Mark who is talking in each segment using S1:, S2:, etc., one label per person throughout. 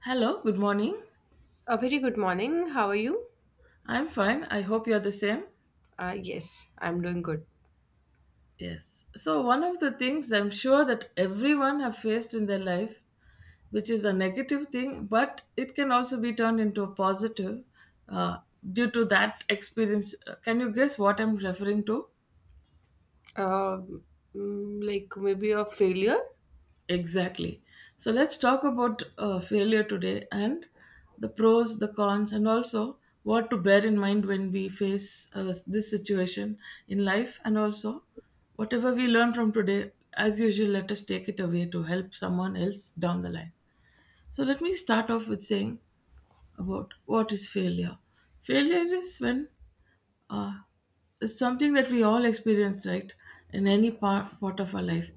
S1: Hello, good morning.
S2: A very good morning. How are you?
S1: I'm fine. I hope you're the same.
S2: Yes, I'm doing good.
S1: Yes. So one of the things I'm sure that everyone have faced in their life, which is a negative thing, but it can also be turned into a positive uh, due to that experience. Can you guess what I'm referring to?
S2: Um, like maybe a failure.
S1: Exactly. So let's talk about failure today and the pros, the cons, and also what to bear in mind when we face this situation in life. And also, whatever we learn from today, as usual, let us take it away to help someone else down the line. So let me start off with saying about what is failure. Failure is when uh, it's something that we all experience, right? In any part of our life,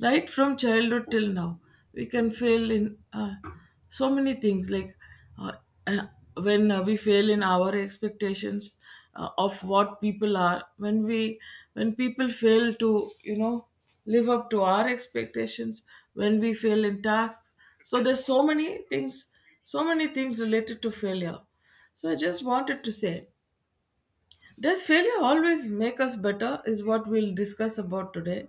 S1: right from childhood till now, we can fail in so many things. Like uh, uh, when we fail in our expectations of what people are, when people fail to live up to our expectations, when we fail in tasks, so there's so many things, so many things related to failure. So I just wanted to say, does failure always make us better is what we'll discuss about today.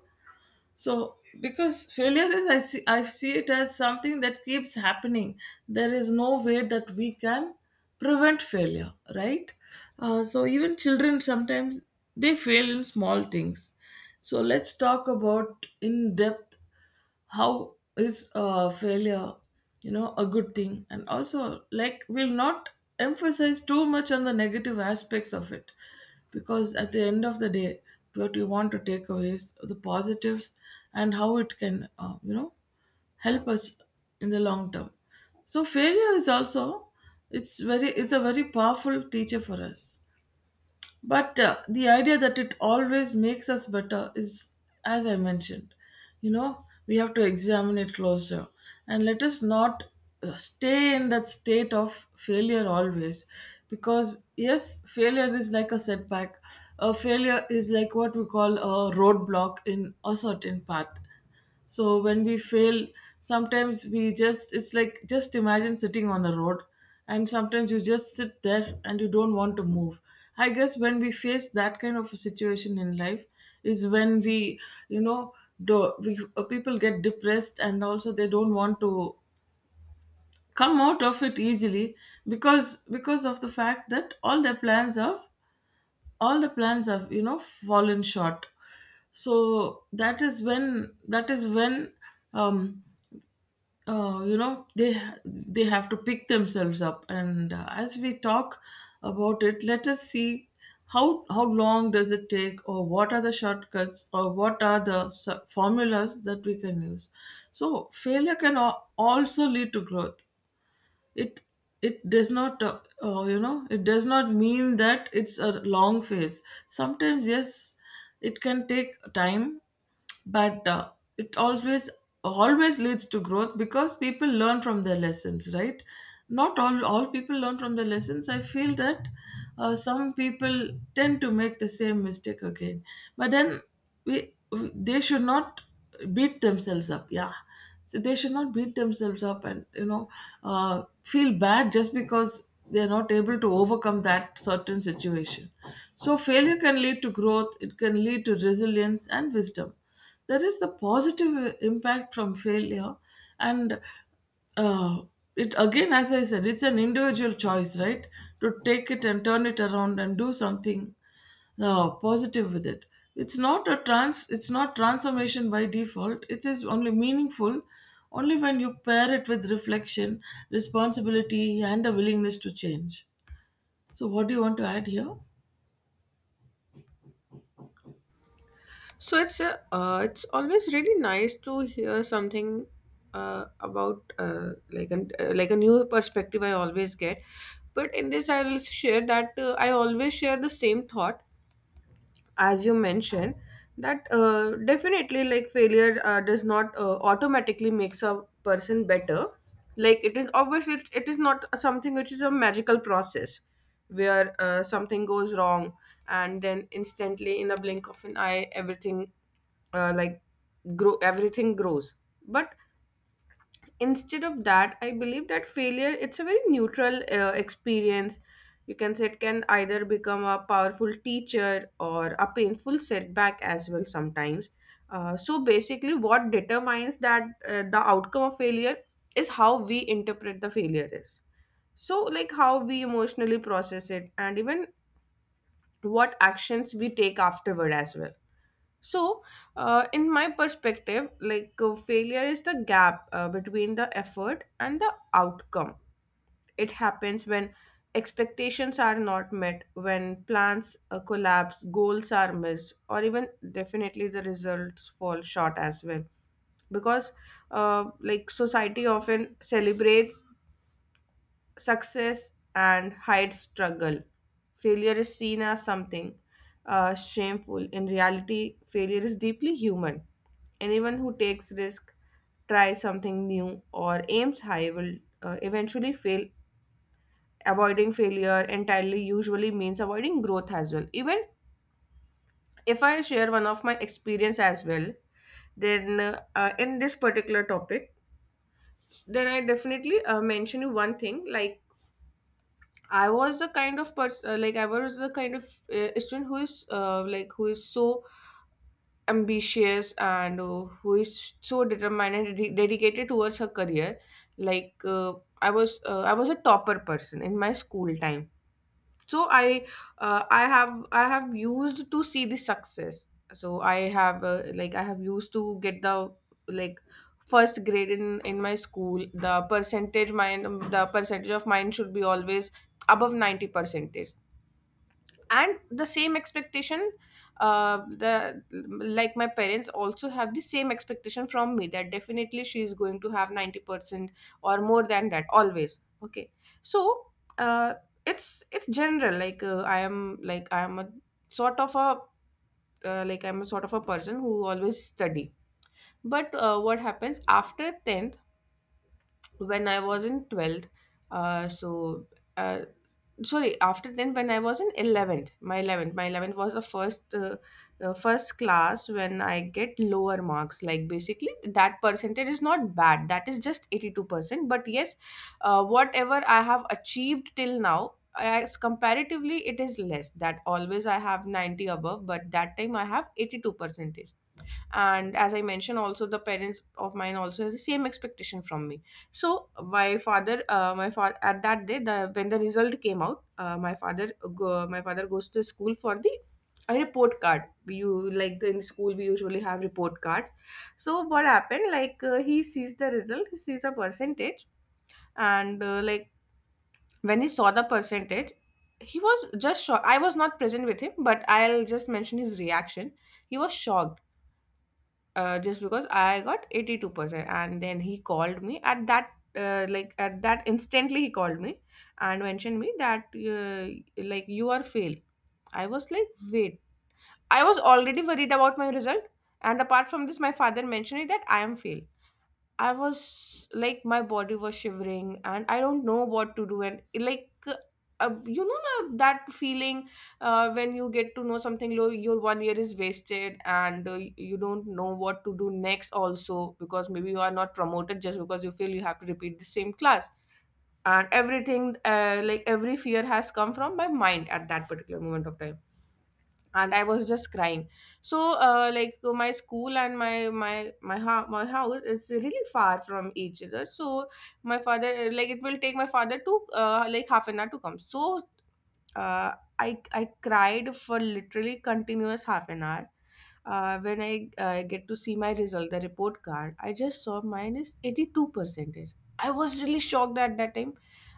S1: So, because failure is, I see it as something that keeps happening. There is no way that we can prevent failure, right? So, even children sometimes they fail in small things. So, let's talk about in depth how is failure a good thing, and also like we'll not emphasize too much on the negative aspects of it, because at the end of the day what we want to take away is the positives and how it can help us in the long term. So failure is also, it's a very powerful teacher for us, but the idea that it always makes us better is, as I mentioned, you know, we have to examine it closer, and let us not stay in that state of failure always, because yes, failure is like a setback. A failure is like what we call a roadblock in a certain path. So when we fail, sometimes we just, it's like, just imagine sitting on a road, and sometimes you just sit there and you don't want to move. I guess when we face that kind of a situation in life is when we, you know, people get depressed and also they don't want to come out of it easily, because of the fact that all the plans have, you know, fallen short. So that is when, um you know, they have to pick themselves up, and as we talk about it, let us see how, long does it take, or what are the shortcuts, or what are the formulas that we can use. So failure can also lead to growth. it it does not you know, it does not mean that it's a long phase. Sometimes yes, it can take time, but it always always leads to growth, because people learn from their lessons, right? Not all people learn from their lessons, I feel that some people tend to make the same mistake again. But then we they should not beat themselves up, yeah. So they should not beat themselves up, and you know, feel bad just because they are not able to overcome that certain situation. So failure can lead to growth, it can lead to resilience and wisdom. There is the positive impact from failure, and uh, it, again as I said, it's an individual choice, right, to take it and turn it around and do something, no, positive with it. It's not a trans. It's not transformation by default. It is only meaningful only when you pair it with reflection, responsibility, and a willingness to change. So, what do you want to add here?
S2: So it's a, it's always really nice to hear something about like an, like a new perspective I always get. But in this, I will share that I always share the same thought as you mentioned that definitely, like, failure does not automatically makes a person better. Like, it is obviously it is not something which is a magical process where something goes wrong and then instantly, in a blink of an eye, everything like grow everything grows. But instead of that, I believe that failure, it's a very neutral experience, you can say. It can either become a powerful teacher or a painful setback as well sometimes. So basically what determines that the outcome of failure is how we interpret the failure is. So, like, how we emotionally process it and even what actions we take afterward as well. So, in my perspective, like, failure is the gap between the effort and the outcome. It happens when expectations are not met, when plans collapse, goals are missed, or even definitely the results fall short as well. Because, like, society often celebrates success and hides struggle. Failure is seen as something shameful. In reality, failure is deeply human. Anyone who takes risk, tries something new, or aims high will eventually fail. Avoiding failure entirely usually means avoiding growth as well. Even if I share one of my experience as well, then in this particular topic, then I definitely mention you one thing. Like, I was the kind of person, like, I was the kind of student who is, like, who is so ambitious and who is so determined and dedicated towards her career. Like uh, I was a topper person in my school time. So I, uh, i have I have used to see the success. So I have, like, I have used to get the, like, first grade in my school. The percentage mine, the percentage of mine should be always above 90 percentage. And the same expectation, the like my parents also have the same expectation from me, that definitely she is going to have 90% or more than that always, okay. So uh, it's general. Like, I am a sort of a, I'm a sort of a person who always study. But what happens after 10th when I was in 12th? uh, so uh, Sorry, after 10, when I was in 11th, my 11th, my 11th was the first class when I get lower marks. Like, basically, that percentage is not bad. That is just 82%. But yes, whatever I have achieved till now, as comparatively it is less. That, always I have 90 above, but that time I have 82%. And as I mentioned also, the parents of mine also has the same expectation from me. So my father, at that day, the when the result came out, my father goes to the school for the a report card. You, like, in school we usually have report cards. So what happened, like, he sees the result, he sees a percentage. And like, when he saw the percentage, he was just shocked. I was not present with him, but I'll just mention his reaction. He was shocked just because I got 82%. And then he called me at that, like at that, instantly he called me and mentioned me that, like, you are failed. I was like, wait, I was already worried about my result. And apart from this, my father mentioned it that I am failed. I was like, my body was shivering and I don't know what to do. And like, that feeling when you get to know something low, your one year is wasted, and you don't know what to do next also, because maybe you are not promoted, just because you feel you have to repeat the same class and everything. Like, every fear has come from my mind at that particular moment of time. And I was just crying. So my school and my house is really far from each other. So my father, like, it will take my father to, like, half an hour to come. So uh, I cried for literally continuous half an hour. When I get to see my result, the report card, I just saw minus 82 percentage. I was really shocked at that time.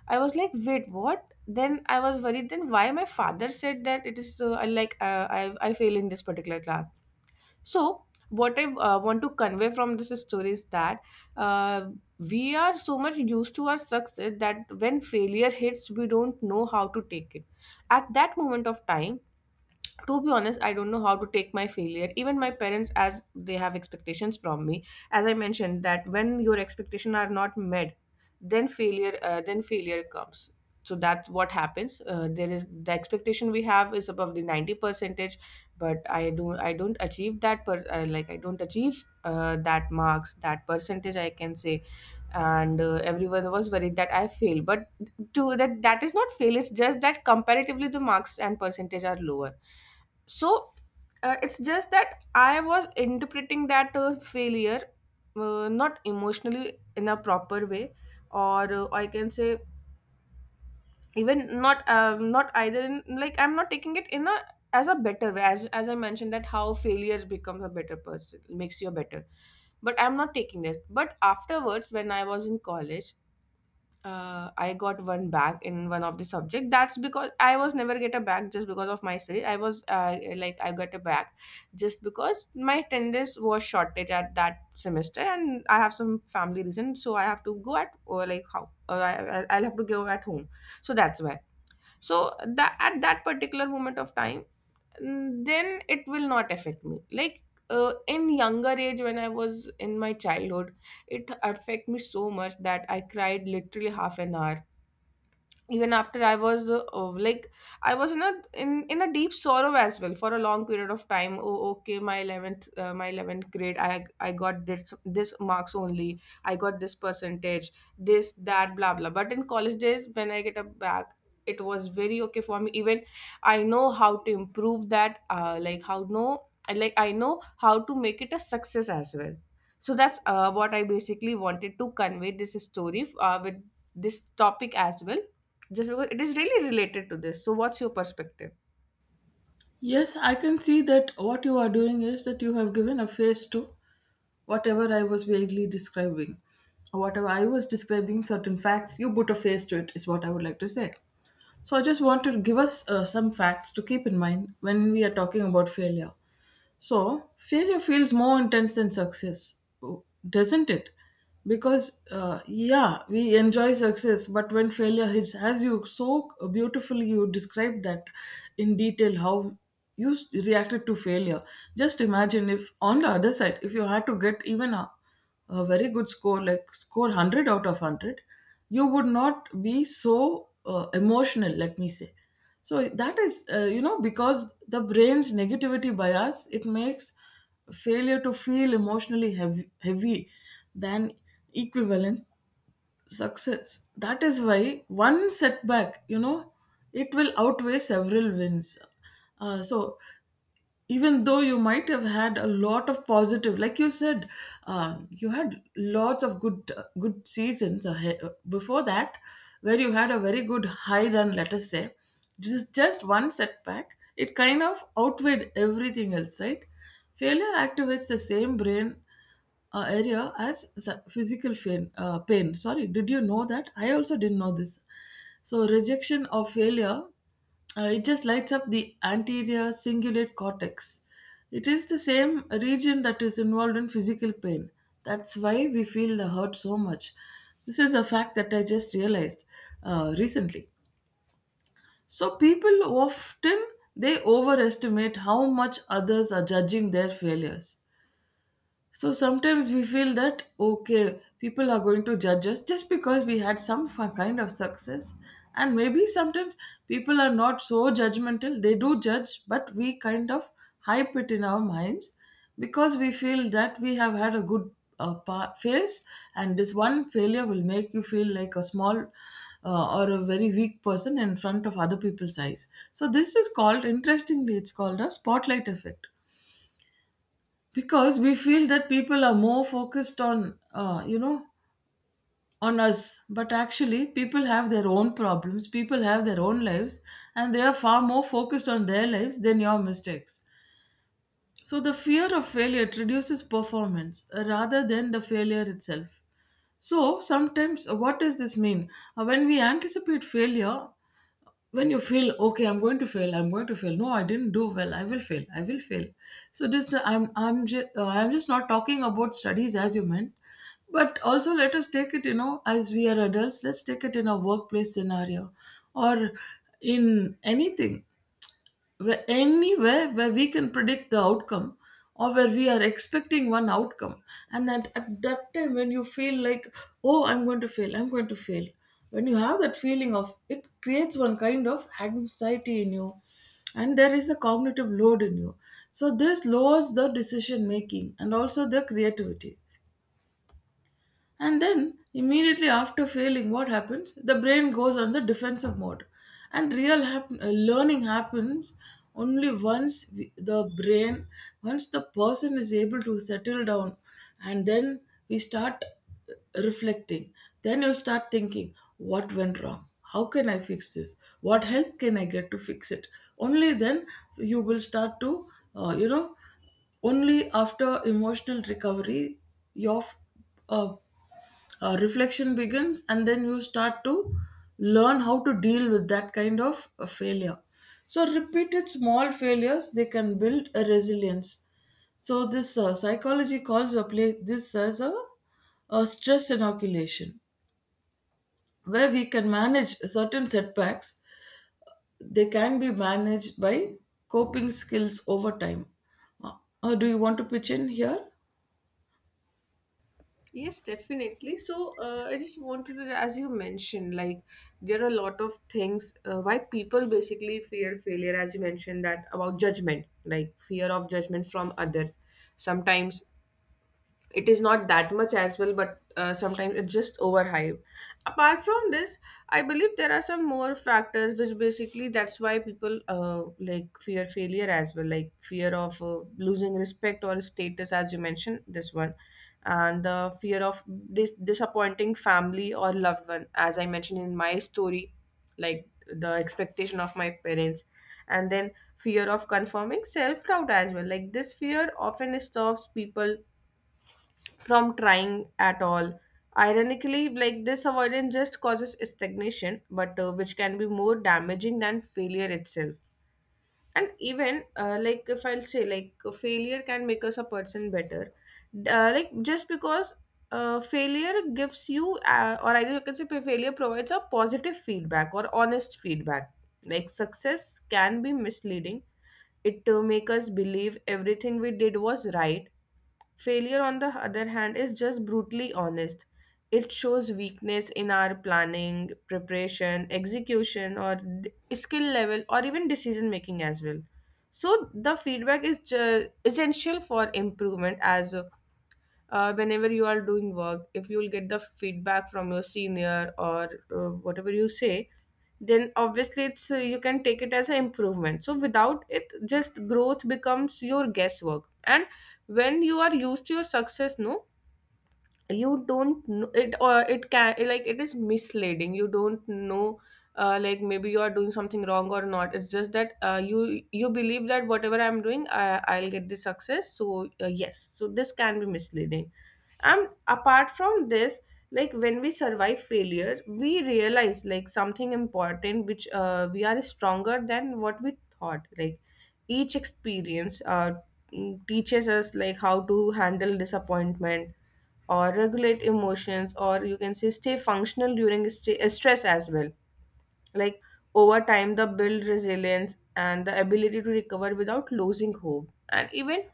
S2: I was like, wait, what? Then I was worried. Then why my father said that it is, I fail in this particular class? So, what I want to convey from this story is that, uh, we are so much used to our success that when failure hits, we don't know how to take it. At that moment of time, to be honest, I don't know how to take my failure. Even my parents, as they have expectations from me, as I mentioned that when your expectations are not met, then failure comes. So that's what happens. There is the expectation we have is above the 90 percentage, but I don't achieve that per like, I don't achieve that marks, that percentage, I can say. And everyone was worried that I fail, but to that, that is not fail. It's just that comparatively the marks and percentage are lower. So it's just that I was interpreting that failure not emotionally in a proper way, or I can say even not, not either in, like, I'm not taking it in a, as a better way, as I mentioned, that how failures becomes a better person makes you better. But I'm not taking that. But afterwards, when I was in college, I got one back in one of the subject. That's because I was never get a back just because of my study. I was, like, I got a back just because my attendance was shortage at that semester, and I have some family reason, so I have to go at, or like how, or I'll have to go at home. So that's why. So that, at that particular moment of time, then it will not affect me. Like, in younger age when I was in my childhood, it affect me so much that I cried literally half an hour. Even after, I was the, oh, like, I was in a in a deep sorrow as well for a long period of time. Oh, okay, my 11th, my 11th grade, I got this this marks only. I got this percentage, this, that, blah blah. But in college days when I get up back, it was very okay for me. Even I know how to improve that, like how no I like I know how to make it a success as well. So that's what I basically wanted to convey this story with this topic as well, just because it is really related to this. So, what's your perspective?
S1: Yes, I can see that what you are doing is that you have given a face to whatever I was vaguely describing. Or whatever I was describing, certain facts, you put a face to it, is what I would like to say. So I just want to give us some facts to keep in mind when we are talking about failure. So failure feels more intense than success, doesn't it? Because yeah, we enjoy success, but when failure hits, as you so beautifully you described that in detail how reacted to failure. Just imagine if on the other side, if you had to get even a very good score, like score 100 out of 100, you would not be so emotional. Let me say, so that is you know, because the brain's negativity bias, it makes failure to feel emotionally heavy than equivalent success. That is why one setback, you know, it will outweigh several wins. So even though you might have had a lot of positive, like you said, you had lots of good good seasons ahead before that, where you had a very good high run, let us say. Just one setback, it kind of outweighed everything else, right? Failure activates the same brain area as physical pain, pain, sorry. Did you know that? I also didn't know this. So rejection or failure, it just lights up the anterior cingulate cortex. It is the same region that is involved in physical pain. That's why we feel the hurt so much. This is a fact that I just realized recently. So people often, they overestimate how much others are judging their failures. So sometimes we feel that, okay, people are going to judge us just because we had some kind of success. And maybe sometimes people are not so judgmental. They do judge, but we kind of hype it in our minds because we feel that we have had a good phase, and this one failure will make you feel like a small or a very weak person in front of other people's eyes. So, this is called, interestingly, it's called a spotlight effect, because we feel that people are more focused on on us, but actually people have their own problems, people have their own lives, and they are far more focused on their lives than your mistakes. So the fear of failure reduces performance rather than the failure itself. So sometimes, what does this mean? When we anticipate failure, when you feel okay, I'm going to fail, I'm going to fail. No, I didn't do well. I will fail. I will fail. So this, I'm just not talking about studies as you meant, but also let us take it. You know, as we are adults, let's take it in a workplace scenario, or in anything where, anywhere where we can predict the outcome, or where we are expecting one outcome, and that at that time when you feel like, oh, I'm going to fail, I'm going to fail, when you have that feeling of it, creates one kind of anxiety in you, and there is a cognitive load in you. So this lowers the decision making and also the creativity. And then, immediately after failing, what happens? The brain goes on the defensive mode. And real learning happens only the brain, once the person is able to settle down, and then we start reflecting. Then you start thinking, what went wrong? How can I fix this? What help can I get to fix it? Only then you will start to, uh, you know, only after emotional recovery, your uh, reflection begins, and then you start to learn how to deal with that kind of failure. So repeated small failures, they can build a resilience. So this psychology calls a play this as a stress inoculation, where we can manage certain setbacks. They can be managed by coping skills over time. uh, do you want to pitch in here?
S2: Yes, definitely. So, I just wanted to, as you mentioned, like, there are a lot of things why people basically fear failure, as you mentioned, that about judgment, like, fear of judgment from others. Sometimes it is not that much as well, but sometimes it's just overhyped. Apart from this, I believe there are some more factors which basically that's why people like, fear failure as well. Like, fear of losing respect or status, as you mentioned this one, and the fear of disappointing family or loved one, as I mentioned in my story, like, the expectation of my parents. And then fear of confirming self doubt as well. Like, this fear often stops people from trying at all. Ironically, like, this avoidance just causes stagnation, but which can be more damaging than failure itself. And even like, if I'll say, like, failure can make us a person better, like, just because failure gives you, or either you can say, failure provides a positive feedback or honest feedback. Like, success can be misleading. It make us believe everything we did was right. Failure, on the other hand, is just brutally honest. It shows weakness in our planning, preparation, execution, or skill level, or even decision making as well. So the feedback is essential for improvement. As whenever you are doing work, if you will get the feedback from your senior or whatever you say, then obviously it's you can take it as an improvement. So without it, just growth becomes your guesswork. And when you are used to your success, no, you don't know it, or it can, like, it is misleading, you don't know. Like, maybe you are doing something wrong or not. It's just that you believe that whatever I'm doing, I'll get the success. So yes, so this can be misleading. And apart from this, like, when we survive failure, we realize, like, something important, which we are stronger than what we thought. Like each experience, teaches us, like, how to handle disappointment or regulate emotions, or you can say stay functional during stress as well. Like, over time, the build resilience and the ability to recover without losing hope. And even,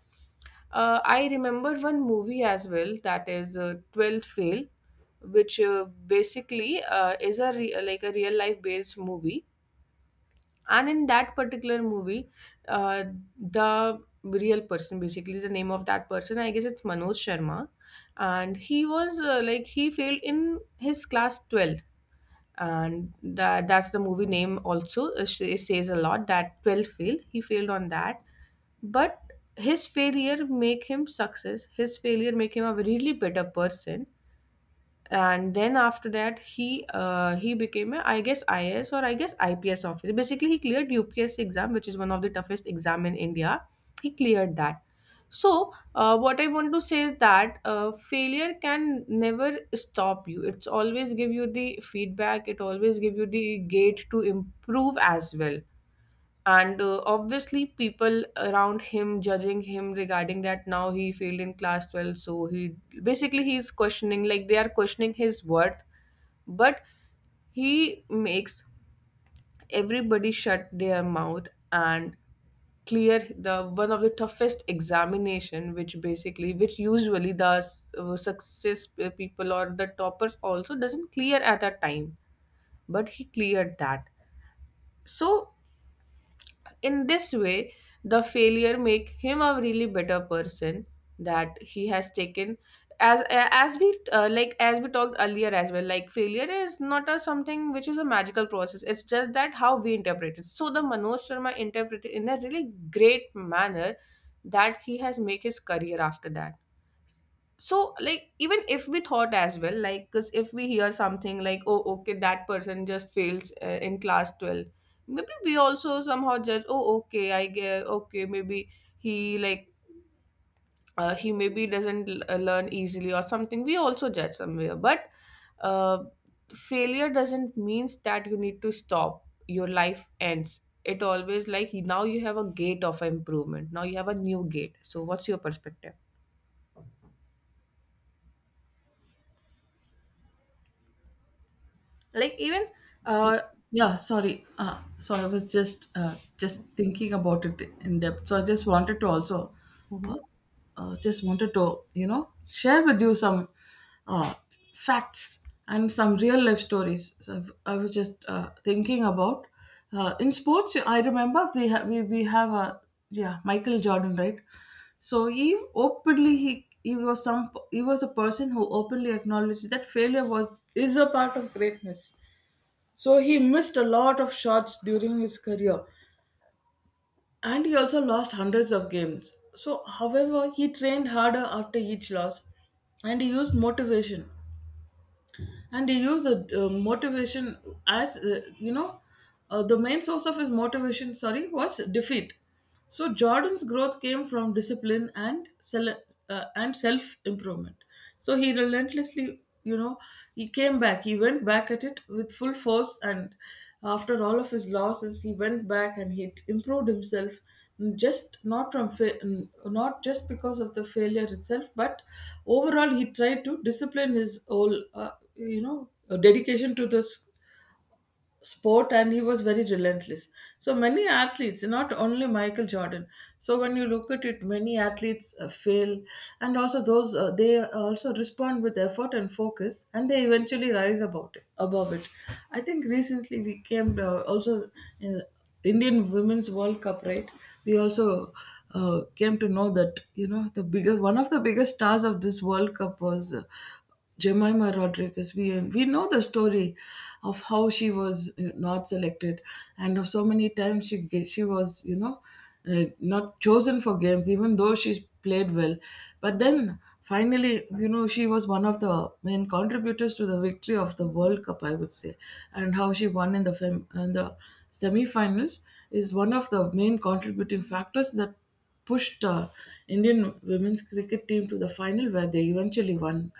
S2: I remember one movie as well, that is Twelfth Fail, which basically is a like a real life based movie. And in that particular movie, uh, the real person, basically the name of that person, I guess it's Manoj Sharma, and he was like he failed in his class 12, and that's the movie name also, it says a lot that twelfth fail, he failed on that. But his failure make him success, his failure make him a really better person. And then after that, he became a, I guess, IAS, or I guess IPS officer. Basically he cleared UPSC exam, which is one of the toughest exam in India. He cleared that. So what I want to say is that failure can never stop you. It's always give you the feedback, it always give you the gate to improve as well. And obviously people around him judging him regarding that, now he failed in class 12, so he basically he's questioning, like, they are questioning his worth. But he makes everybody shut their mouth and clear the one of the toughest examination, which basically, which usually the success people or the toppers also doesn't clear at that time. But he cleared that. So in this way, the failure make him a really better person, that he has taken as we like as we talked earlier as well, like failure is not a something which is a magical process, it's just that how we interpret it. So the Manoj Sharma interpreted in a really great manner, that he has make his career after that. So like even if we thought as well, like, because if we hear something like, oh, okay, that person just fails in class 12, maybe we also somehow judge, oh okay, I get, okay, maybe he, like, he maybe doesn't l- learn easily or something, we also judge somewhere. But uh, failure doesn't means that you need to stop, your life ends. It always, like, now you have a gate of improvement, now you have a new gate, so what's your perspective, like even, uh,
S1: Yeah, sorry. So I was just thinking about it in depth. So I just wanted to also uh,
S2: mhm.
S1: just wanted to, you know, share with you some uh, facts and some real life stories. So I've, I was just thinking about in sports. I remember we have a, yeah, Michael Jordan, right. So he was some, he was a person who openly acknowledged that failure was is a part of greatness. So he missed a lot of shots during his career, and he also lost hundreds of games. So, however, he trained harder after each loss and he used motivation and he used a motivation as the main source of his motivation, sorry, was defeat. So Jordan's growth came from discipline and self improvement. So he relentlessly, he came back, he went back at it with full force. And after all of his losses he went back and he improved himself, just not from fa- not just because of the failure itself, but overall he tried to discipline his whole, dedication to this sport, and he was very relentless. So many athletes, not only Michael Jordan, so when you look at it, many athletes fail, and also those they also respond with effort and focus and they eventually rise about it above it. I think recently we came, also in Indian women's World Cup, right? We also came to know that, you know, the bigger one of the biggest stars of this World Cup was Jemima Rodriguez. We know the story of how she was not selected, and of so many times she she was, not chosen for games, even though she played well. But then finally, she was one of the main contributors to the victory of the World Cup, I would say. And how she won in the, in the semi finals is one of the main contributing factors that pushed Indian women's cricket team to the final, where they eventually won.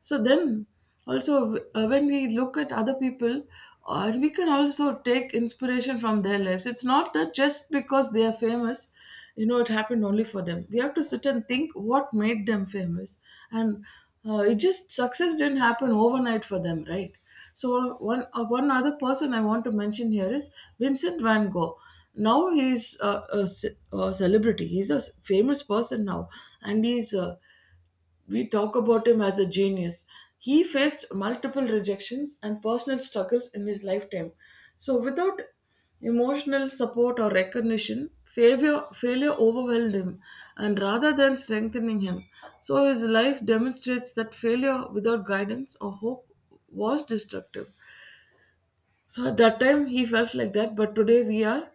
S1: So then also, when we look at other people, we can also take inspiration from their lives. It's not that just because they are famous, you know, it happened only for them. We have to sit and think what made them famous. And it just success didn't happen overnight for them, right? So one other person I want to mention here is Vincent Van Gogh. Now he's a celebrity. He's a famous person now, and he's we talk about him as a genius. He faced multiple rejections and personal struggles in his lifetime. So without emotional support or recognition, failure overwhelmed him, and rather than strengthening him, so his life demonstrates that failure without guidance or hope was destructive. So at that time he felt like that, but today we are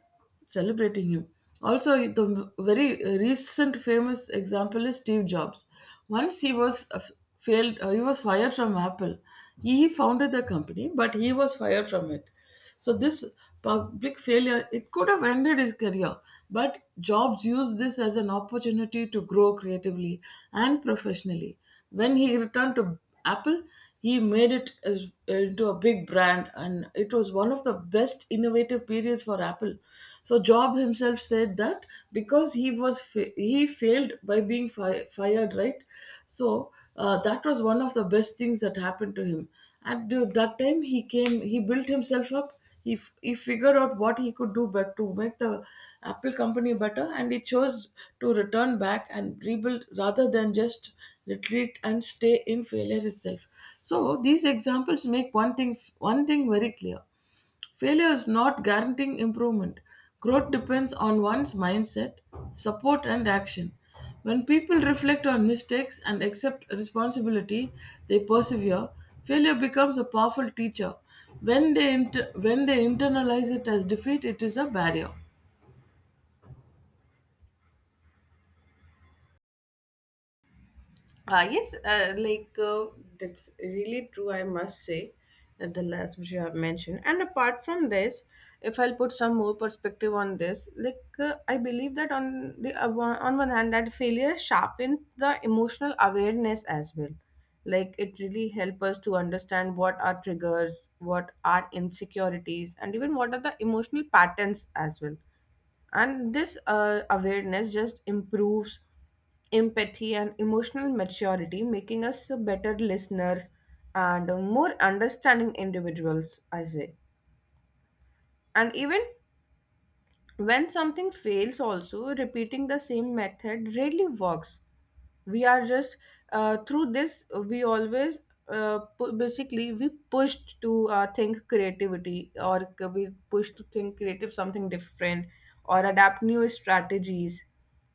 S1: celebrating him. Also, the very recent famous example is Steve Jobs. Once he was, failed, he was fired from Apple. He founded the company, but he was fired from it. So this public failure, it could have ended his career, but Jobs used this as an opportunity to grow creatively and professionally. When he returned to Apple, he made it as, into a big brand, and it was one of the best innovative periods for Apple. So Job himself said that because he was he failed by being fired, right? So that was one of the best things that happened to him at that time. He came, he built himself up. He, he figured out what he could do but to make the Apple company better, and he chose to return back and rebuild rather than just retreat and stay in failure itself. So these examples make one thing very clear. Failure is not guaranteeing improvement. Growth depends on one's mindset, support, and action. When people reflect on mistakes and accept responsibility, they persevere. Failure becomes a powerful teacher. When they, when they internalize it as defeat, it is a barrier.
S2: Yes, that's really true, I must say, that the last which you have mentioned. And apart from this, if I'll put some more perspective on this, like, I believe that on the on one hand, that failure sharpens the emotional awareness as well. Like it really helps us to understand what are triggers, what are insecurities, and even what are the emotional patterns as well. And this awareness just improves empathy and emotional maturity, making us better listeners and more understanding individuals, I say. And even when something fails also, repeating the same method really works. We are just through this, we always basically we pushed to think creativity, or we pushed to think creative something different, or adapt new strategies,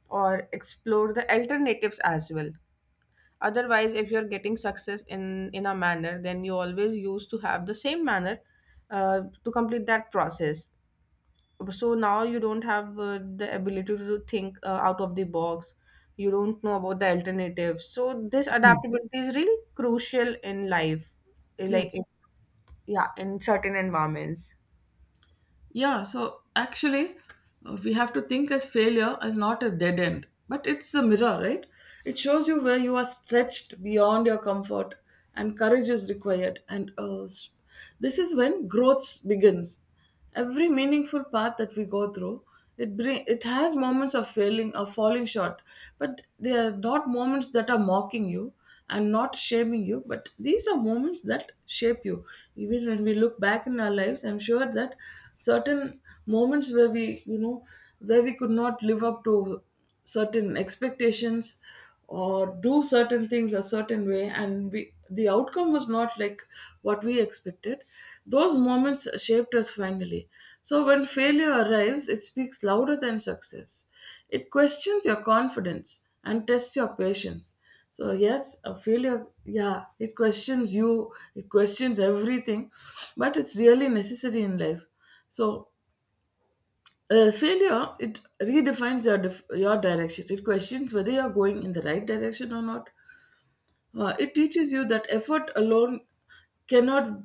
S2: or explore the alternatives as well. Otherwise, if you're getting success in a manner, then you always used to have the same manner to complete that process. So now you don't have the ability to think out of the box, you don't know about the alternatives. So this adaptability is really crucial in life. Eh, like in,
S1: Yes.
S2: yeah, in certain environments.
S1: Yeah, so actually, we have to think as failure as not a dead end, but it's a mirror, right? It shows you where you are stretched beyond your comfort and courage is required. This is when growth begins. Every meaningful path that we go through, it has moments of failing or falling short, but they are not moments that are mocking you. I'm not shaming you, but these are moments that shape you. Even when we look back in our lives, I'm sure that certain moments where we, you know, where we could not live up to certain expectations or do certain things a certain way, and we, the outcome was not like what we expected. Those moments shaped us finally. So when failure arrives, it speaks louder than success. It questions your confidence and tests your patience. So, yes, a failure, yeah, it questions you, it questions everything, but it's really necessary in life. So, failure, it redefines your, your direction. It questions whether you're going in the right direction or not. It teaches you that effort alone cannot,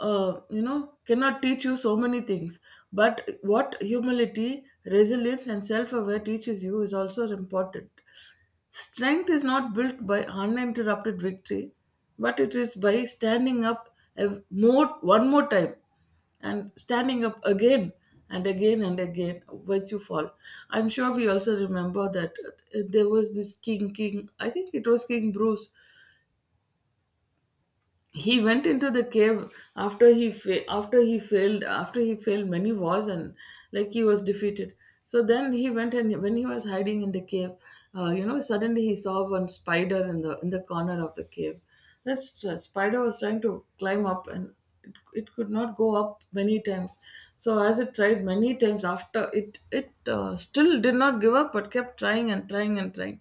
S1: cannot teach you so many things, but what humility, resilience and self-aware teaches you is also important. Strength is not built by uninterrupted victory, but it is by standing up ev- more one more time, and standing up again and again and again once you fall. I'm sure we also remember that, there was this king, I think it was King Bruce. He went into the cave after he after he failed many wars, and like he was defeated. So then he went, and when he was hiding in the cave, suddenly he saw one spider in the corner of the cave. That spider was trying to climb up, and it could not go up many times. So as it tried many times, after it still did not give up but kept trying and trying and trying,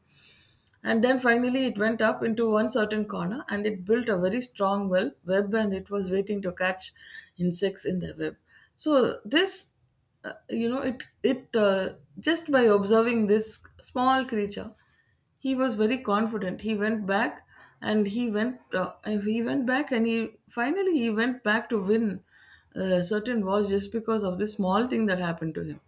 S1: and then finally it went up into one certain corner, and it built a very strong well web, and it was waiting to catch insects in the web. So this, it just by observing this small creature, he was very confident. He went back, and he went back, and he went back to win. A certain was just because of this small thing that happened to him.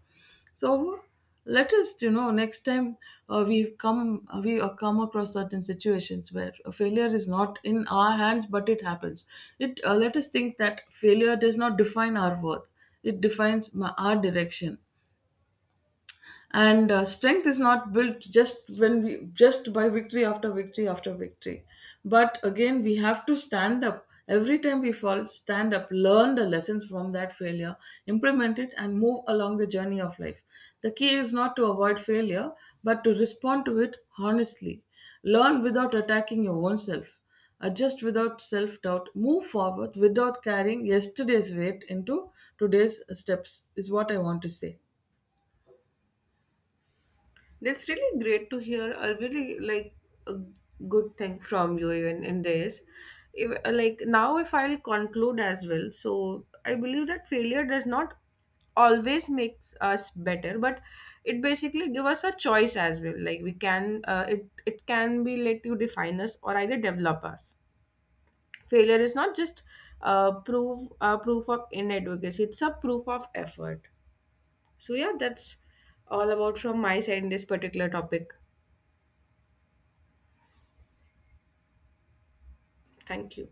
S1: So let us, you know, next time we come across certain situations where a failure is not in our hands, but it happens. It Let us think that failure does not define our worth; it defines my, our direction. And strength is not built just when we, just by victory after victory after victory, but again we have to stand up every time we fall, stand up, learn the lessons from that failure, implement it and move along the journey of life. The key is not to avoid failure but to respond to it honestly, learn without attacking your own self, adjust without self doubt, move forward without carrying yesterday's weight into today's steps is what I want to say.
S2: That's really great to hear. I really like a good thing from you even in this. Like now, if I'll conclude as well, so I believe that failure does not always makes us better, but it basically give us a choice as well. Like we can, it it can be, let you define us or either develop us. Failure is not just proof of inadequacy, it's a proof of effort. So yeah, that's all about from my side in this particular topic. Thank you.